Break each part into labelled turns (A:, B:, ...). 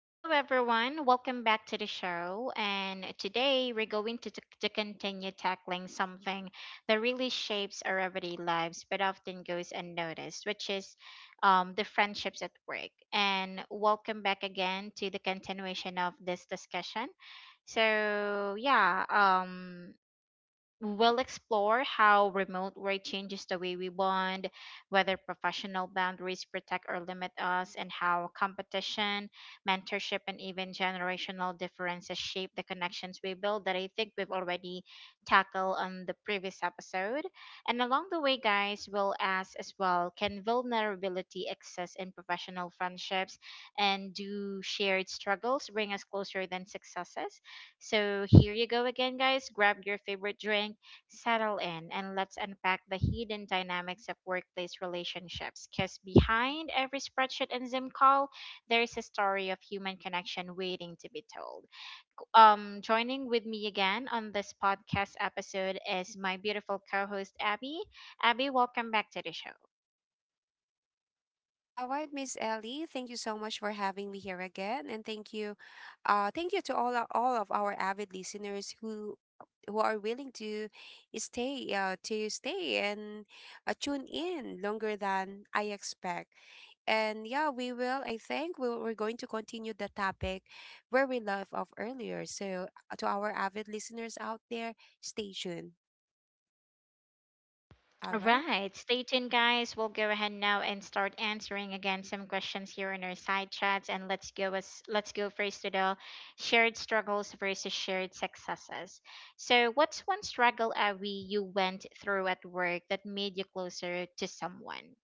A: Hello, everyone. Welcome back to the show. And today we're going to continue tackling something that really shapes our everyday lives but often goes unnoticed, which is the friendships at work. And welcome back again to the continuation of this discussion. So, yeah, we'll explore how remote work changes the way we bond, whether professional boundaries protect or limit us, and how competition, mentorship, and even generational differences shape the connections we build that I think we've already tackled on the previous episode. And along the way, guys, we'll ask as well, can vulnerability exist in professional friendships, and do shared struggles bring us closer than successes? So here you go again, guys. Grab your favorite drink, settle in, and let's unpack the hidden dynamics of workplace relationships. Because behind every spreadsheet and Zoom call, there is a story of human connection waiting to be told. Joining with me again on this podcast episode is my beautiful co-host Abby. Abby, welcome back to the show.
B: All right, Miss Ellie, thank you so much for having me here again, and thank you to all all of our avid listeners who are willing to stay and tune in longer than I expect. And yeah, we will. I think we're going to continue the topic where we left off earlier. So to our avid listeners out there, stay tuned. All
A: All
B: right,
A: right, stay tuned, guys. We'll go ahead now and start answering again some questions here in our side chats, and let's go first to the shared struggles versus shared successes. So, what's one struggle, Avi, you went through at work that made you closer to someone?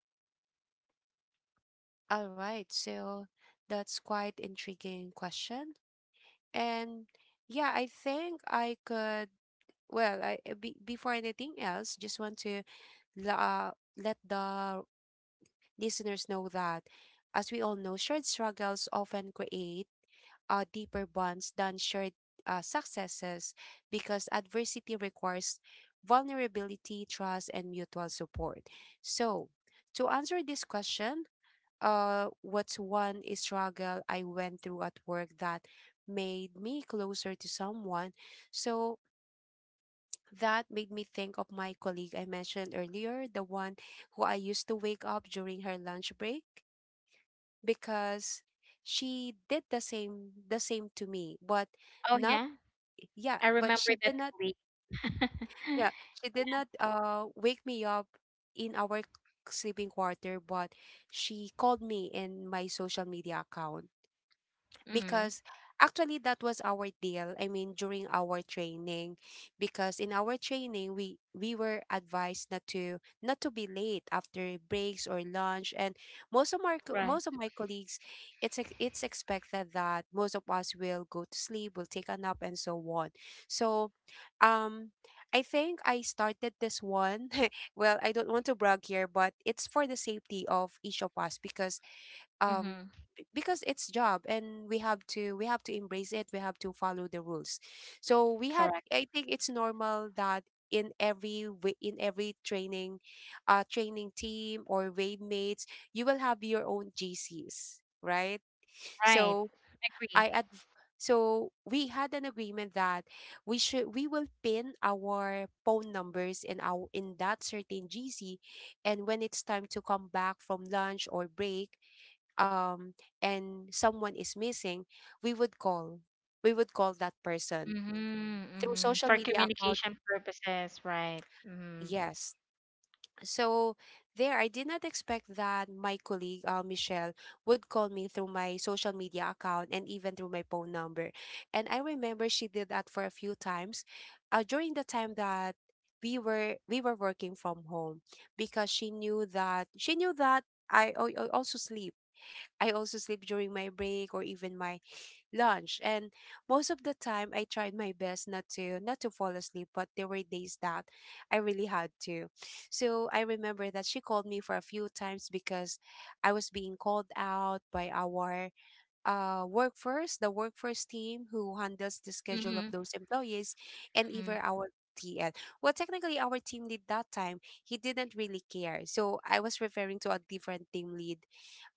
B: all right. So that's quite intriguing question. And yeah, I think I could. Well, before anything else, just want to la- uh, let the listeners know that, as we all know, shared struggles often create deeper bonds than shared successes because adversity requires vulnerability, trust, and mutual support. So, to answer this question, what's one struggle I went through at work that made me closer to someone. So that made me think of my colleague I mentioned earlier, the one who I used to wake up during her lunch break because she did the same to me but
A: Oh
B: not
A: yeah,
B: yeah
A: I
B: but
A: remember
B: she
A: that
B: did not
A: colleague.
B: yeah she did not wake me up in our sleeping quarter but she called me in my social media account
A: Mm-hmm.
B: because actually that was our deal. I mean, during our training, because in our training we were advised not to be late after breaks or lunch, and most of my
A: Right.
B: most of my colleagues, it's expected that most of us will go to sleep, will take a nap, and so on. So, um. I think I started this one well, I don't want to brag here, but it's for the safety of each of us because um
A: Mm-hmm.
B: because it's job and we have to embrace it we have to follow the rules so we had
A: Correct.
B: I think it's normal that in every in every training training team or wave mates you will have your own gcs right
A: Right.
B: so
A: Agree.
B: i adv- so we had an agreement that we will pin our phone numbers in our in that certain gc and when it's time to come back from lunch or break um and someone is missing, we would call. We would call that person
A: Mm-hmm.
B: through
A: Mm-hmm.
B: social
A: For
B: media account.
A: communication purposes, right. Mm-hmm.
B: Yes. So there, I did not expect that my colleague, Michelle, would call me through my social media account and even through my phone number. And I remember she did that for a few times during the time that we were working from home because she knew that I also sleep I also sleep during my break or even my lunch. And most of the time I tried my best not to fall asleep, but there were days that I really had to. So I remember that she called me for a few times because I was being called out by our the workforce team who handles the schedule of
A: Mm-hmm.
B: those employees, and
A: Mm-hmm.
B: even our TL. Well, technically, our team lead that time, he didn't really care. So I was referring to a different team lead,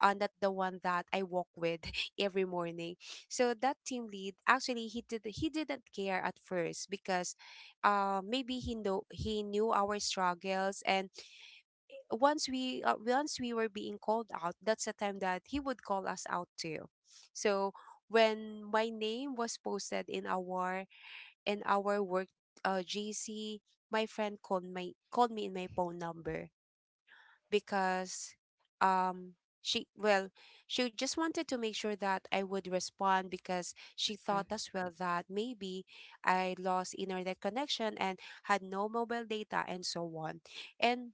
B: and that the one that I walk with every morning. So that team lead, actually, he didn't care at first because, maybe he knew our struggles and once we were being called out that's the time that he would call us out too so when my name was posted in our work gc my friend called me in my phone number because um she well she just wanted to make sure that I would respond because she thought as well that maybe I lost internet connection and had no mobile data and so on and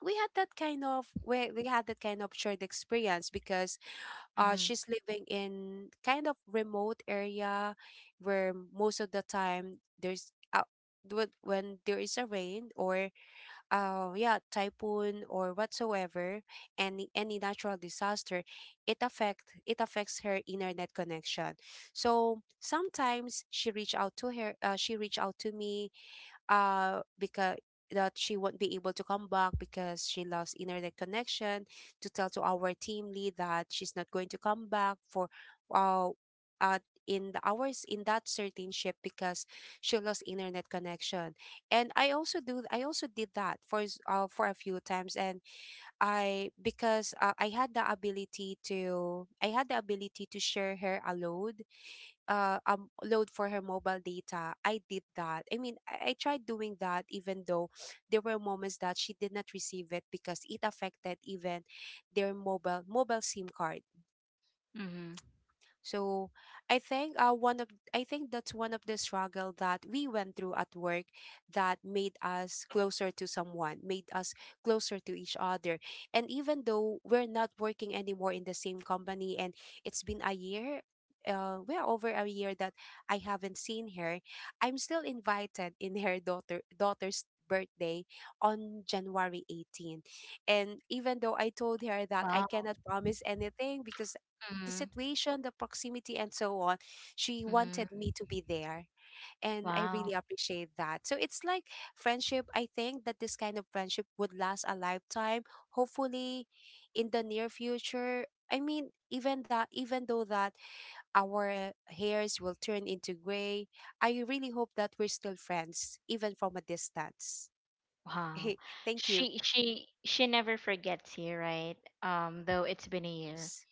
B: we had that kind of we had that kind of shared experience because
A: Mm-hmm.
B: she's living in kind of remote area where most of the time there's when there is a rain or yeah typhoon or whatsoever any natural disaster it affects her internet connection so sometimes she reached out to me because that she won't be able to come back because she lost internet connection to tell to our team lead that she's not going to come back for uh, uh in the hours in that certain shift because she lost internet connection and I also did that for for a few times and I because I had the ability to share her a load load for her mobile data I did that I mean I tried doing that even though there were moments that she did not receive it because it affected even their mobile sim card
A: Mm-hmm.
B: so I think one of I think that's one of the struggle that we went through at work that made us closer to someone, made us closer to each other. And even though we're not working anymore in the same company and it's been a year well over a year that I haven't seen her. I'm still invited in her daughter's birthday on January 18. And even though I told her that I
A: Wow.
B: cannot promise anything because the
A: Mm-hmm.
B: situation, the proximity, and so on. She
A: Mm-hmm.
B: wanted me to be there. And I really
A: Wow.
B: appreciate that. So it's like friendship. I think that this kind of friendship would last a lifetime. Hopefully, in the near future, I mean, even though that our hairs will turn into gray, I really hope that we're still friends, even from a distance.
A: Wow.
B: thank you.
A: She never forgets you, right? Though it's been a year,
B: Yes,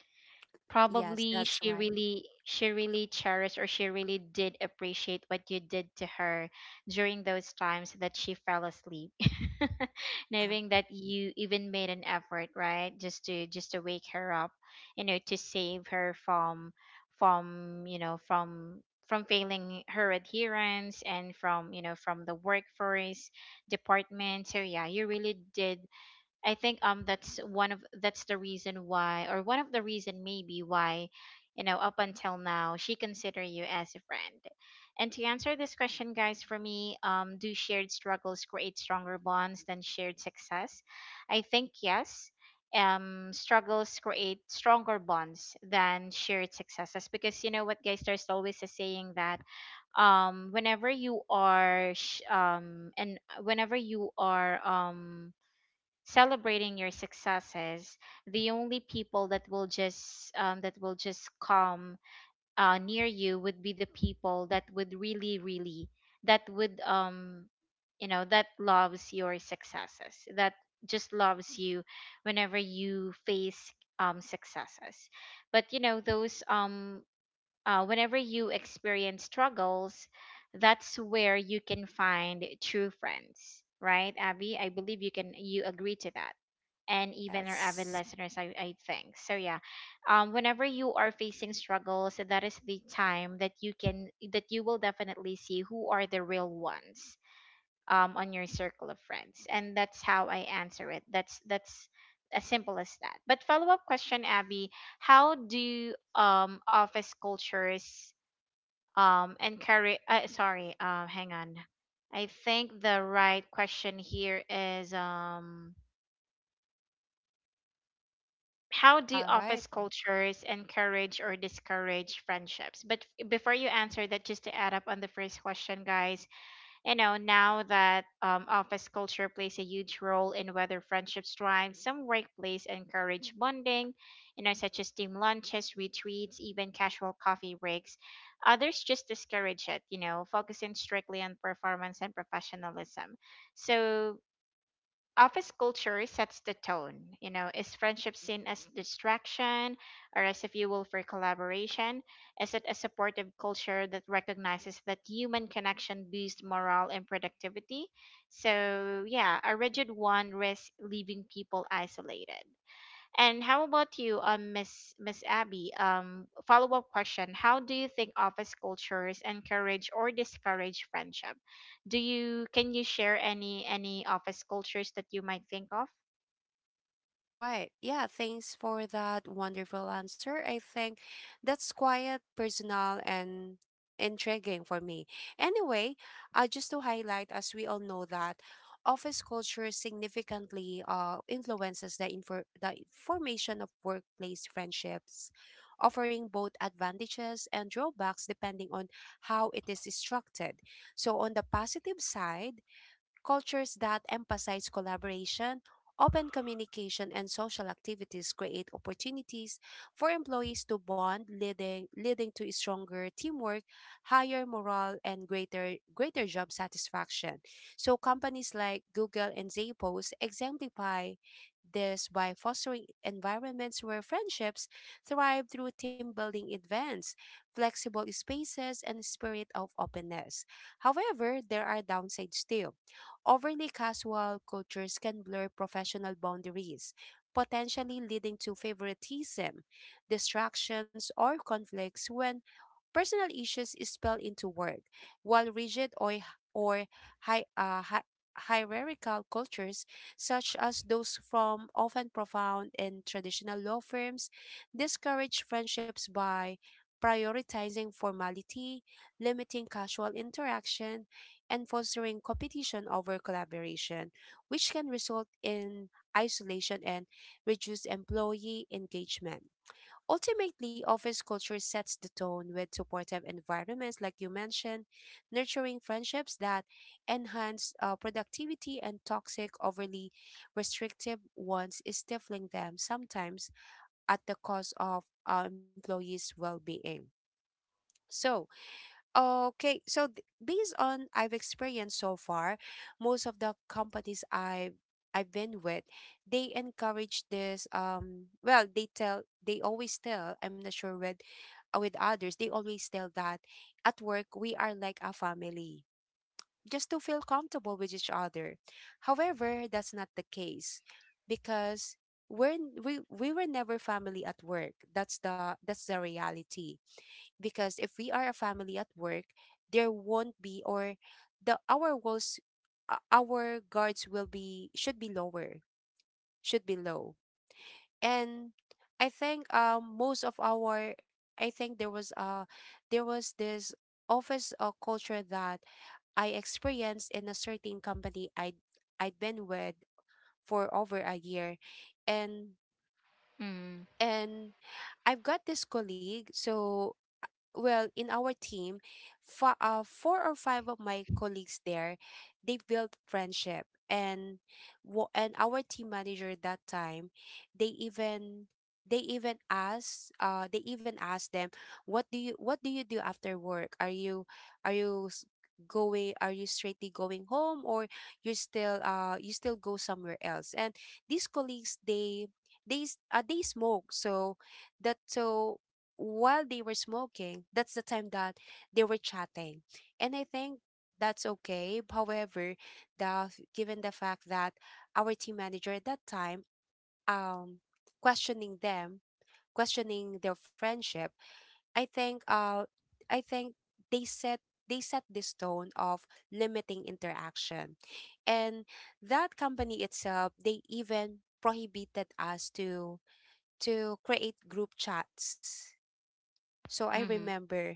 B: yes,
A: probably
B: that's
A: she
B: right.
A: really she really cherished, or she really did appreciate what you did to her during those times that she fell asleep, knowing that you even made an effort, right, just to wake her up, you know, to save her from, from, from failing her adherence, and from, you know, from the workforce department. So yeah, you really did. I think, that's one of that's the reason why, or one of the reason maybe why, you know, up until now she consider you as a friend. And to answer this question, guys, for me, do shared struggles create stronger bonds than shared success? I think yes. Struggles create stronger bonds than shared successes because, you know what, guys, there's always a saying that, whenever you are celebrating your successes, the only people that will just come near you would be the people that would really really that would um, you know, that loves your successes, that just loves you whenever you face successes. But you know those, whenever you experience struggles, that's where you can find true friends, right, Abby? I believe you, can you agree to that? And even our avid
B: yes.
A: listeners, I think. So yeah, whenever you are facing struggles, that is the time that you can, that you will definitely see who are the real ones on your circle of friends, and that's how I answer it. That's as simple as that. But follow up question, Abby, how do office cultures encourage? Sorry, hang on. I think the right question here is, how do
B: All right.
A: office cultures encourage or discourage friendships? But before you answer that, just to add up on the first question, guys, you know, now that, office culture plays a huge role in whether friendships thrive. Some workplace encourage bonding, you know, such as team lunches, retreats, even casual coffee breaks. Others just discourage it, you know, focusing strictly on performance and professionalism. So office culture sets the tone. You know, is friendship seen as distraction or as a fuel for collaboration? Is it a supportive culture that recognizes that human connection boosts morale and productivity? So, yeah, a rigid one risks leaving people isolated. And how about you, Miss Abby? Follow up question: how do you think office cultures encourage or discourage friendship? Do you can you share any office cultures that you might think of?
B: All right. Yeah, thanks for that wonderful answer. I think that's quiet, personal, and intriguing for me. Anyway, just to highlight, as we all know that office culture significantly influences the formation of workplace friendships, offering both advantages and drawbacks depending on how it is constructed. So on the positive side, cultures that emphasize collaboration, open communication, and social activities create opportunities for employees to bond, leading to stronger teamwork, higher morale, and greater job satisfaction. So, companies like Google and Zappos exemplify this by fostering environments where friendships thrive through team building events, flexible spaces, and spirit of openness. However, there are downsides too. Overly casual cultures can blur professional boundaries, potentially leading to favoritism, distractions, or conflicts when personal issues is spelled into work, while rigid or hi, hierarchical cultures, such as those from often profound and traditional law firms, discourage friendships by prioritizing formality, limiting casual interaction, and fostering competition over collaboration, which can result in isolation and reduced employee engagement. Ultimately, office culture sets the tone with supportive environments, like you mentioned, nurturing friendships that enhance productivity and toxic, overly restrictive ones, is stifling them sometimes at the cost of our employees' well being. So, okay, so based on I've experienced so far, most of the companies I've been with, they encourage this. Well, they always tell. I'm not sure with others. They always tell that at work we are like a family, just to feel comfortable with each other. However, that's not the case because we were never family at work. That's the reality because if we are a family at work there won't be or the our walls our guards will be should be lower should be low and I think most of our I think there was this office culture that I experienced in a certain company I'd been with for over a year and
A: Mm,
B: and I've got this colleague. So well in our team four or five of my colleagues there they built friendship and and our team manager that time they even they even asked them what do you do after work are you s- going are you straightly going home or you still go somewhere else and these colleagues they smoke so that so while they were smoking, that's the time that they were chatting. And I think that's okay. However, the given the fact that our team manager at that time um questioning them, questioning their friendship, I think I think they set they set this tone of limiting interaction. And that company itself, they even prohibited us to create group chats, so I
A: mm-hmm,
B: remember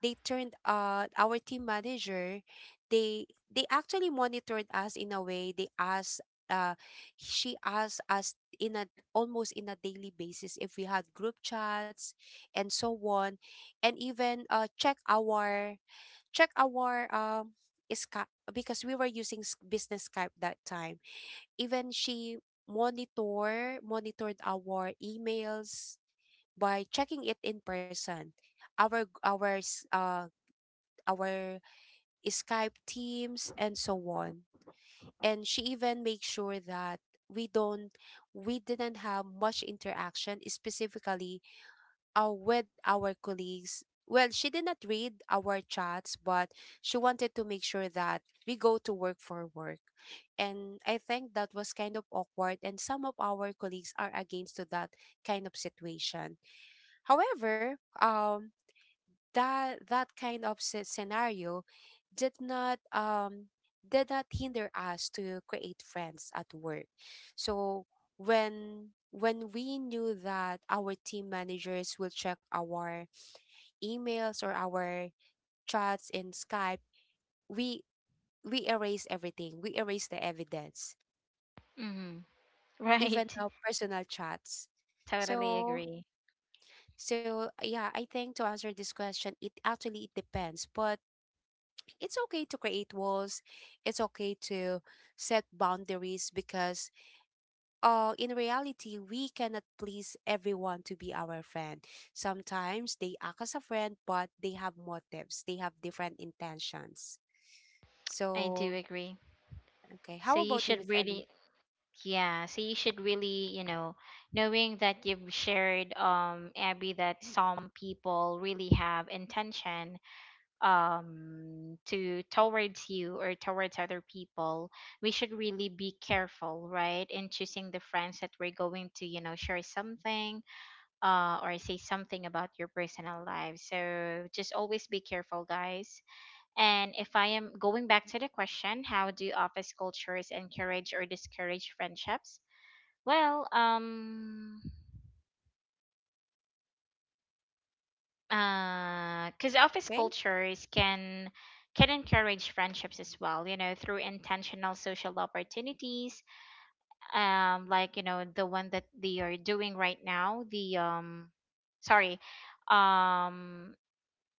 B: they turned our team manager, they they actually monitored us in a way. They asked she asked us in a almost in a daily basis if we had group chats and so on, and even check our check our Skype, because we were using business Skype that time. Even she monitored our emails by checking it in person. Our our Skype, teams, and so on. And she even makes sure that we don't we didn't have much interaction specifically with our colleagues. Well, she did not read our chats, but she wanted to make sure that we go to work for work. And I think that was kind of awkward, and some of our colleagues are against to that kind of situation. However, that kind of scenario did not um did not hinder us to create friends at work. So when we knew that our team managers will check our emails or our chats in Skype, we we erase everything. We erase the evidence,
A: mm-hmm.
B: even
A: Right.
B: our personal chats.
A: Totally
B: So
A: agree.
B: yeah, I think to answer this question, it actually it depends, but it's okay to create walls. It's okay to set boundaries, because in reality, we cannot please everyone to be our friend. Sometimes they act as a friend, but they have motives. They have different intentions.
A: I do
B: So,
A: agree.
B: okay.
A: So
B: How
A: you
B: about you,
A: should
B: Miss Ellie?
A: really, yeah. So you should really, you know, knowing that you've shared, Abby, that some people really have intention to towards you or towards other people, we should really be careful, right, in choosing the friends that we're going to, you know, share something, or say something about your personal life. So just always be careful, guys. And if I am going back to the question, how do office cultures encourage or discourage friendships? Well, because office
B: Okay.
A: cultures can encourage friendships as well, you know, through intentional social opportunities, like, you know, the one that they are doing right now, the sorry um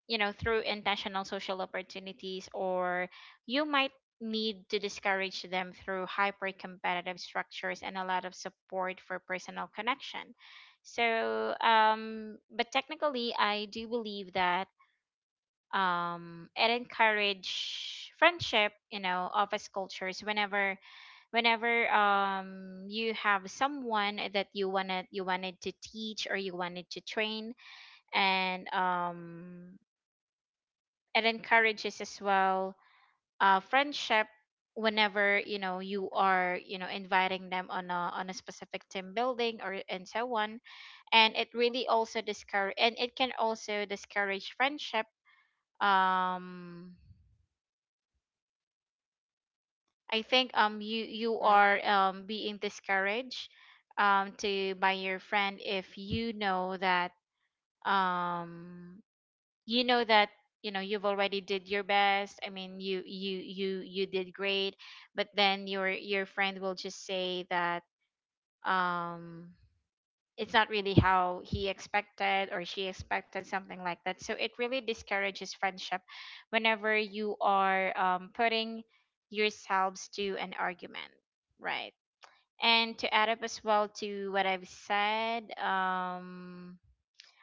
A: you know, through intentional social opportunities. Or you might need to discourage them through hyper competitive structures and a lot of support for personal connection. So but technically, I do believe that, and encourage friendship, you know, office cultures whenever, whenever you have someone that you wanted to teach or you wanted to train, and it encourages as well friendship whenever, you know, you are, you know, inviting them on a specific team building or and so on. And it really also discourage, and it can also discourage friendship. Um I think um you
B: All right.
A: are being discouraged to by your friend if you know that, um you know that you know you've already did your best. I mean, you did great, but then your friend will just say that, um it's not really how he expected or she expected, something like that. So it really discourages friendship whenever you are, putting yourselves to an argument, right? And to add up as well to what I've said,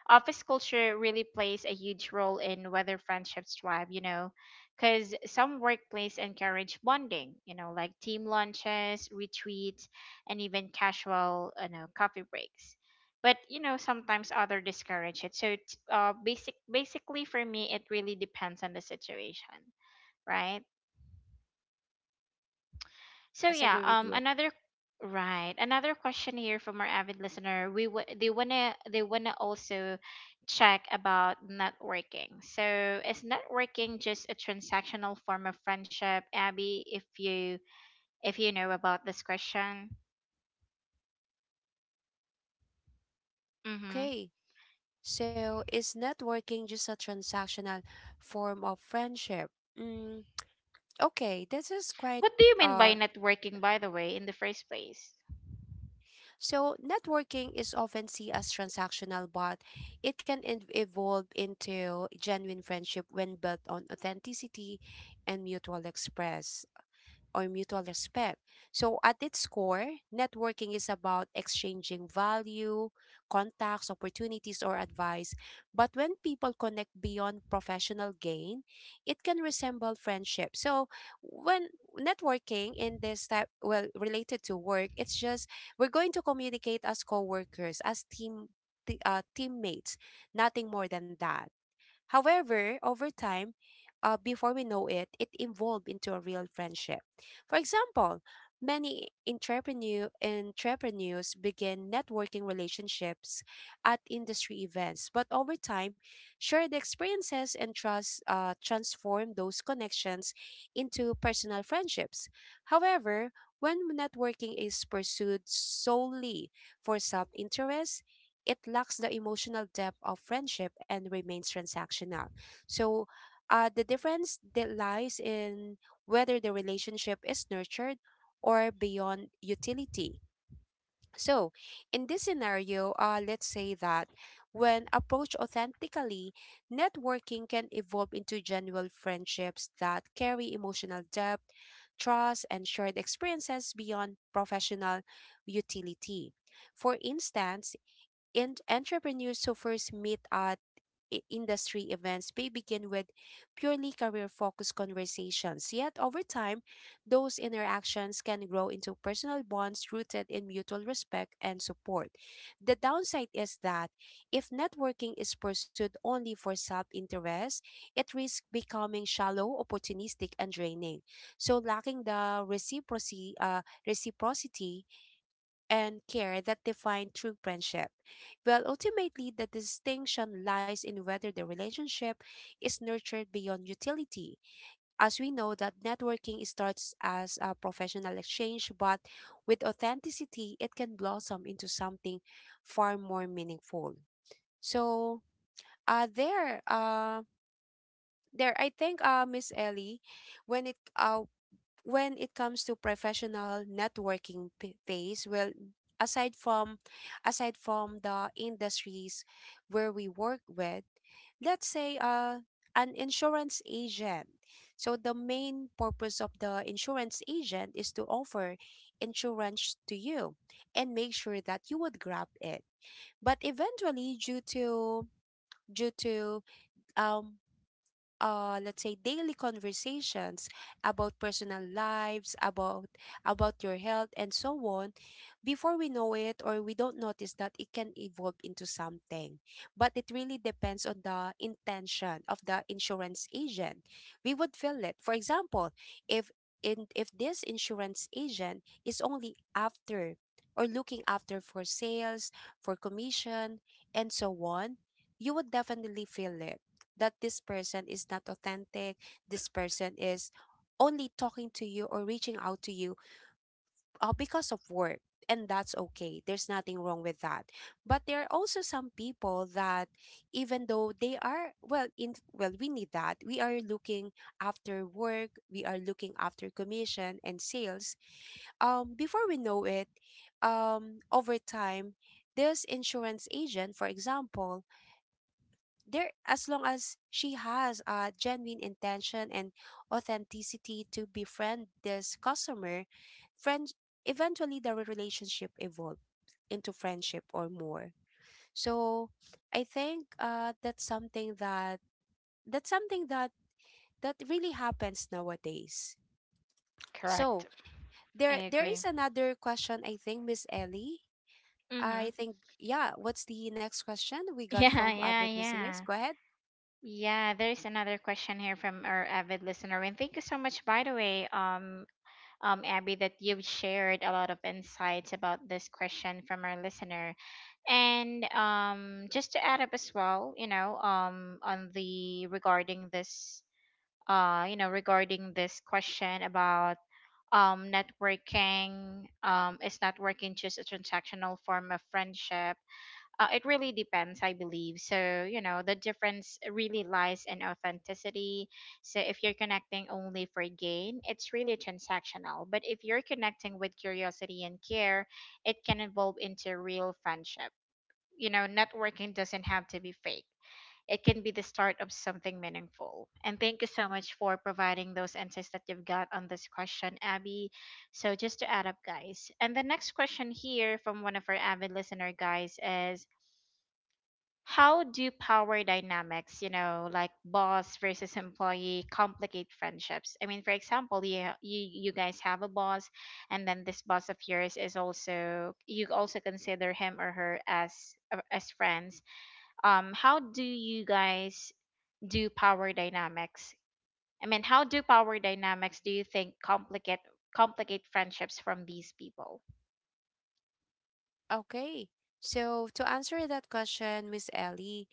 A: office culture really plays a huge role in whether friendships thrive, you know, because some workplace encourage bonding, you know, like team lunches, retreats, and even casual, you know, coffee breaks. But you know, sometimes other discourage it. So, it's, basically for me, it really depends on the situation, right? So
B: Yes, I
A: yeah,
B: agree with you.
A: another right, another question here from our avid listener. They wanna also check about networking. So is networking just a transactional form of friendship, Abby? If you, if you know about this question. Mm-hmm.
B: Okay. So, is networking just a transactional form of friendship? Mm, okay, this is quite
A: What do you mean by
B: uh
A: networking, by the way, in the first place?
B: so networking is often seen as transactional, but it can evolve into genuine friendship when built on authenticity and mutual express or mutual respect. So, at its core, networking is about exchanging value, contacts, opportunities, or advice. But when people connect beyond professional gain, it can resemble friendship. So, when networking in this type, well, related to work, it's just we're going to communicate as co workers, as team. Teammates, nothing more than that. However, over time, before we know it, it evolved into a real friendship. For example, many entrepreneurs begin networking relationships at industry events, but over time, shared experiences and trust transform those connections into personal friendships. However, when networking is pursued solely for self interest, it lacks the emotional depth of friendship and remains transactional. So, the difference that lies in whether the relationship is nurtured or beyond utility. So, in this scenario, let's say that when approached authentically, networking can evolve into genuine friendships that carry emotional depth, trust, and shared experiences beyond professional utility. For instance, and entrepreneurs who first meet at industry events may begin with purely career focused conversations. Yet, over time, those interactions can grow into personal bonds rooted in mutual respect and support. The downside is that if networking is pursued only for self interest, it risks becoming shallow, opportunistic, and draining. So, lacking the reciprocity, and care that define true friendship. Well, ultimately, the distinction lies in whether the relationship is nurtured beyond utility. As we know that networking starts as a professional exchange, but with authenticity, it can blossom into something far more meaningful. So, uh, there, uh, there, I think, Miss Ellie, when when it comes to professional networking phase, well, aside from aside from the industries where we work with, let's say an insurance agent. So the main purpose of the insurance agent is to offer insurance to you and make sure that you would grab it. But eventually, due to due to um, let's say daily conversations about personal lives, about your health and so on. Before we know it, or we don't notice that it can evolve into something, but it really depends on the intention of the insurance agent. We would feel it. For example, if in if this insurance agent is only after or looking after for sales, for commission, and so on, you would definitely feel it, that this person is not authentic, this person is only talking to you or reaching out to you because of work. And that's okay. There's nothing wrong with that. But there are also some people that, even though they are, well, in well, we need that. We are looking after work. We are looking after commission and sales. Before we know it, over time, this insurance agent, for example, there as long as she has a genuine intention and authenticity to befriend this customer friend, eventually the relationship evolve into friendship or more. So I think that's something that that's something that that really happens nowadays.
A: Correct.
B: So
A: I
B: there
A: agree.
B: is another question, I think, Miss Ellie.
A: Mm-hmm.
B: I think, yeah, what's the next question we got
A: Yeah,
B: from
A: yeah,
B: avid listeners?
A: yeah.
B: Go ahead.
A: Yeah, there's another question here from our avid listener. And thank you so much, by the way. Abby, that you've shared a lot of insights about this question from our listener. And just to add up as well, you know, on the regarding this, you know, regarding this question about networking, is networking just a transactional form of friendship? It really depends, I believe. So you know, the difference really lies in authenticity. So if you're connecting only for gain, it's really transactional. But if you're connecting with curiosity and care, it can evolve into real friendship. You know, networking doesn't have to be fake. It can be the start of something meaningful. And thank you so much for providing those answers that you've got on this question, Abby. So just to add up, guys. And the next question here from one of our avid listener, guys, is how do power dynamics, you know, like boss versus employee, complicate friendships? I mean, for example, you guys have a boss, and then this boss of yours is also, you also consider him or her as, as friends. How do you guys Do power dynamics, I mean, how do power dynamics do you think complicate, complicate friendships from these people?
B: Okay. So to answer that question, Miss Ellie,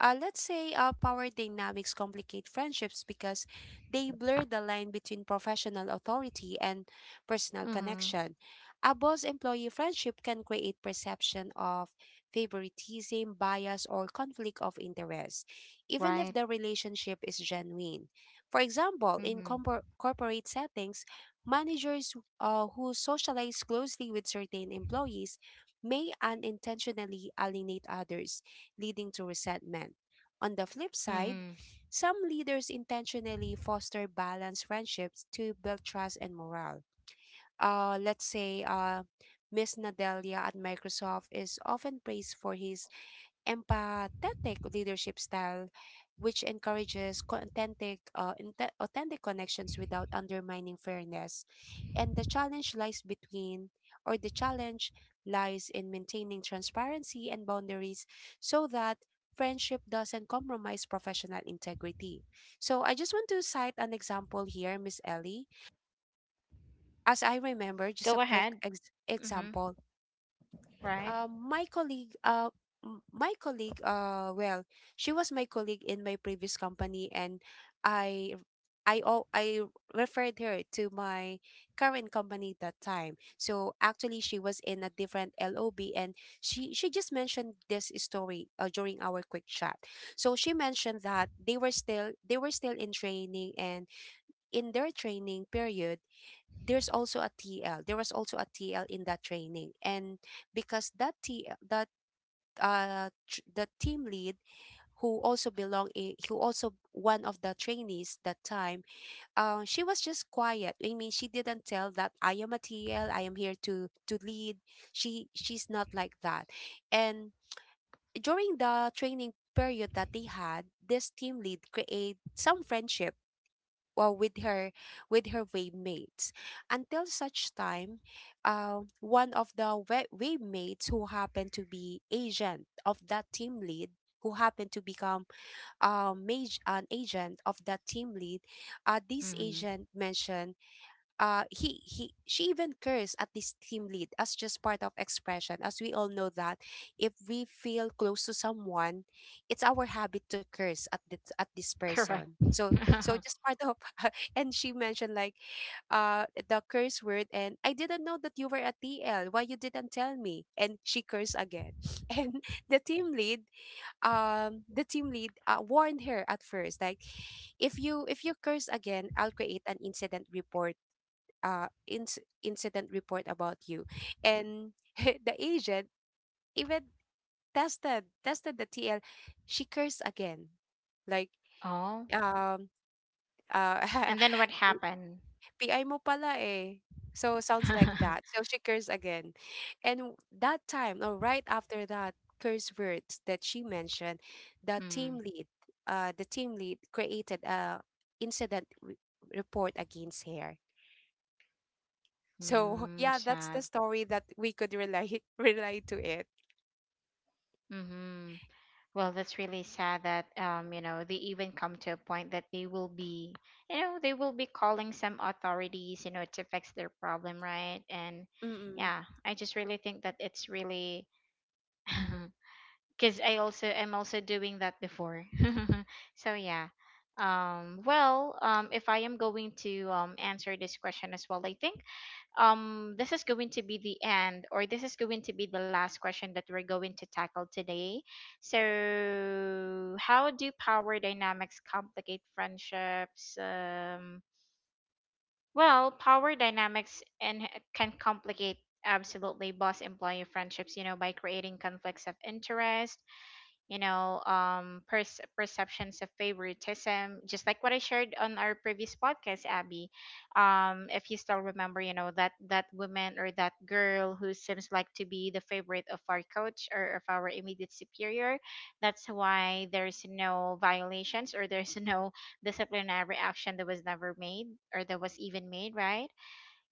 B: let's say power dynamics complicate friendships because they blur the line between professional authority and personal
A: Mm-hmm.
B: connection. A boss employee friendship can create perception of favoritism, bias, or conflict of interest, even if
A: Right.
B: the relationship is genuine. For example, in
A: Mm-hmm.
B: corporate settings, managers who socialize closely with certain employees may unintentionally alienate others, leading to resentment. On the flip side,
A: Mm-hmm.
B: some leaders intentionally foster balanced friendships to build trust and morale. Let's say Miss Nadelia at Microsoft is often praised for his empathetic leadership style, which encourages authentic connections without undermining fairness. And the challenge lies in maintaining transparency and boundaries so that friendship doesn't compromise professional integrity. So I just want to cite an example here, Miss Ellie. As I remember,
A: Go
B: just a
A: ahead.
B: quick
A: Mm-hmm.
B: example,
A: Right.
B: my colleague, my colleague, well, she was my colleague in my previous company, and I, I referred her to my current company that time. So actually, she was in a different LOB, and she just mentioned this story during our quick chat. So she mentioned that they were still in training, and in their training period, there's also a TL. There was also a TL in that training, and because that T that tr- the team lead who also belong in, who also one of the trainees that time, she was just quiet. I mean, she didn't tell that I am a TL. I am here to lead. She's not like that, and during the training period that they had, this team lead create some friendship, well, with her, with her wave mates. Until such time, one of the wave mates who happened to be agent of that team lead, who happened to become an agent of that team lead, this
A: Mm-hmm.
B: agent mentioned he she even cursed at this team lead as just part of expression, as we all know that if we feel close to someone, it's our habit to curse at at this
A: Correct.
B: person. So so just part of and she mentioned like the curse word and, I didn't know that you were a TL, why you didn't tell me, and she cursed again and the team lead, the team lead warned her at first, like, if you curse again, I'll create an incident report, incident report about you. And the agent even tested the TL. She cursed again, like,
A: Oh,
B: um uh
A: and then what happened?
B: PI mo pala eh, so sounds like
A: Mm,
B: that. So she cursed again, and that time, or right after that curse words that she mentioned, the team lead, the team lead created a incident report against her. So
A: mm,
B: yeah, that's
A: sad.
B: the story that we could relate relate to it.
A: Mm-hmm. Well, that's really sad that, you know, they even come to a point that they will be, you know, they will be calling some authorities, you know, to fix their problem, right? And
B: Mm-mm.
A: yeah, I just really think that it's really because I also am also doing that before. So yeah. Well, if I am going to, answer this question as well, I think this is going to be the end, or this is going to be the last question that we're going to tackle today. So how do power dynamics complicate friendships? Well, power dynamics and can complicate absolutely boss employee friendships, you know, by creating conflicts of interest, you know, perceptions of favoritism, just like what I shared on our previous podcast, Abby. If you still remember, you know, that that woman or that girl who seems like to be the favorite of our coach or of our immediate superior, that's why there's no violations, or there's no disciplinary action that was never made, or that was even made, right?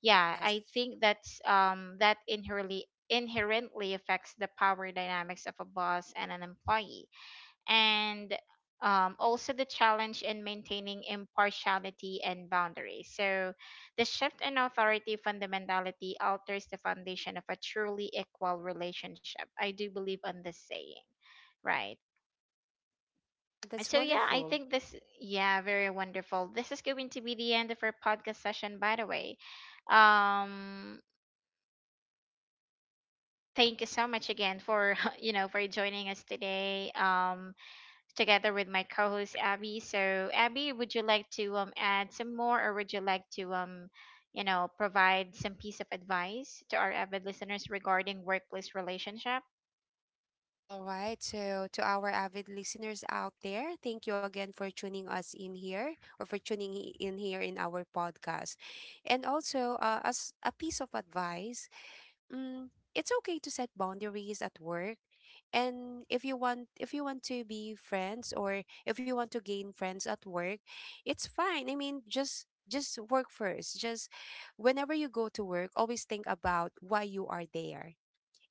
A: Yeah,
B: Yes.
A: I think that's that inherently affects the power dynamics of a boss and an employee, and also the challenge in maintaining impartiality and boundaries. So, the shift in authority fundamentality alters the foundation of a truly equal relationship. I do believe on this saying, right?
B: Yeah, that's
A: So, yeah, I
B: wonderful.
A: think this, yeah, very wonderful. This is going to be the end of our podcast session, by the way. Um, Thank you so much again for, you know, for joining us today. Together with my co-host Abby. So Abby, would you like to add some more, or would you like to, you know, provide some piece of advice to our avid listeners regarding workplace relationship?
B: All right. So to our avid listeners out there, thank you again for tuning us in here, or for tuning in here in our podcast. And also, as a piece of advice, mm, it's okay to set boundaries at work. And if you want, to be friends, or if you want to gain friends at work, it's fine. I mean, just work first. Just whenever you go to work, always think about why you are there,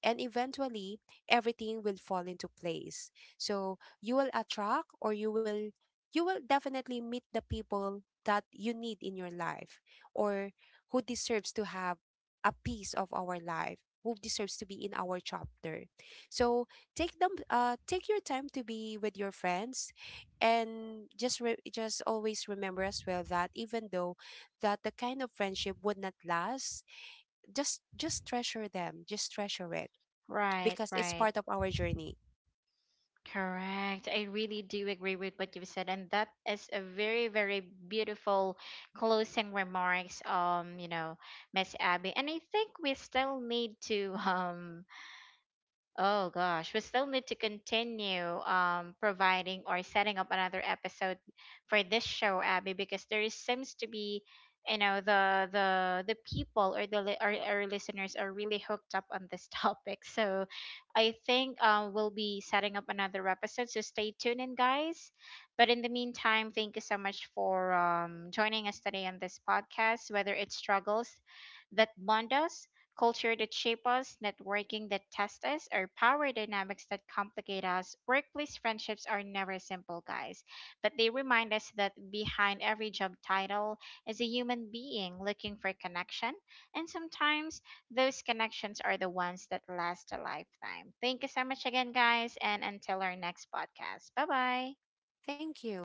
B: and eventually everything will fall into place. So you will attract, or you will, you will definitely meet the people that you need in your life, or who deserves to have a piece of our life, who deserves to be in our chapter. So take them, take your time to be with your friends. And just always remember as well that, even though that the kind of friendship would not last, just treasure them, just treasure it,
A: Right,
B: because it's
A: right.
B: part of our journey.
A: Correct. I really do agree with what you've said, and that is a very, very beautiful closing remarks. You know, Miss Abby, and I think we still need to oh gosh, we still need to continue, providing or setting up another episode for this show, Abby, because there is, seems to be, you know, the people or our listeners are really hooked up on this topic. So, I think we'll be setting up another episode. So stay tuned in, guys. But in the meantime, thank you so much for, joining us today on this podcast. Whether it's struggles that bond us, culture that shape us, networking that test us, or power dynamics that complicate us, workplace friendships are never simple, guys, but they remind us that behind every job title is a human being looking for connection, and sometimes those connections are the ones that last a lifetime. Thank you so much again, guys, and until our next podcast. Bye bye.
B: Thank you.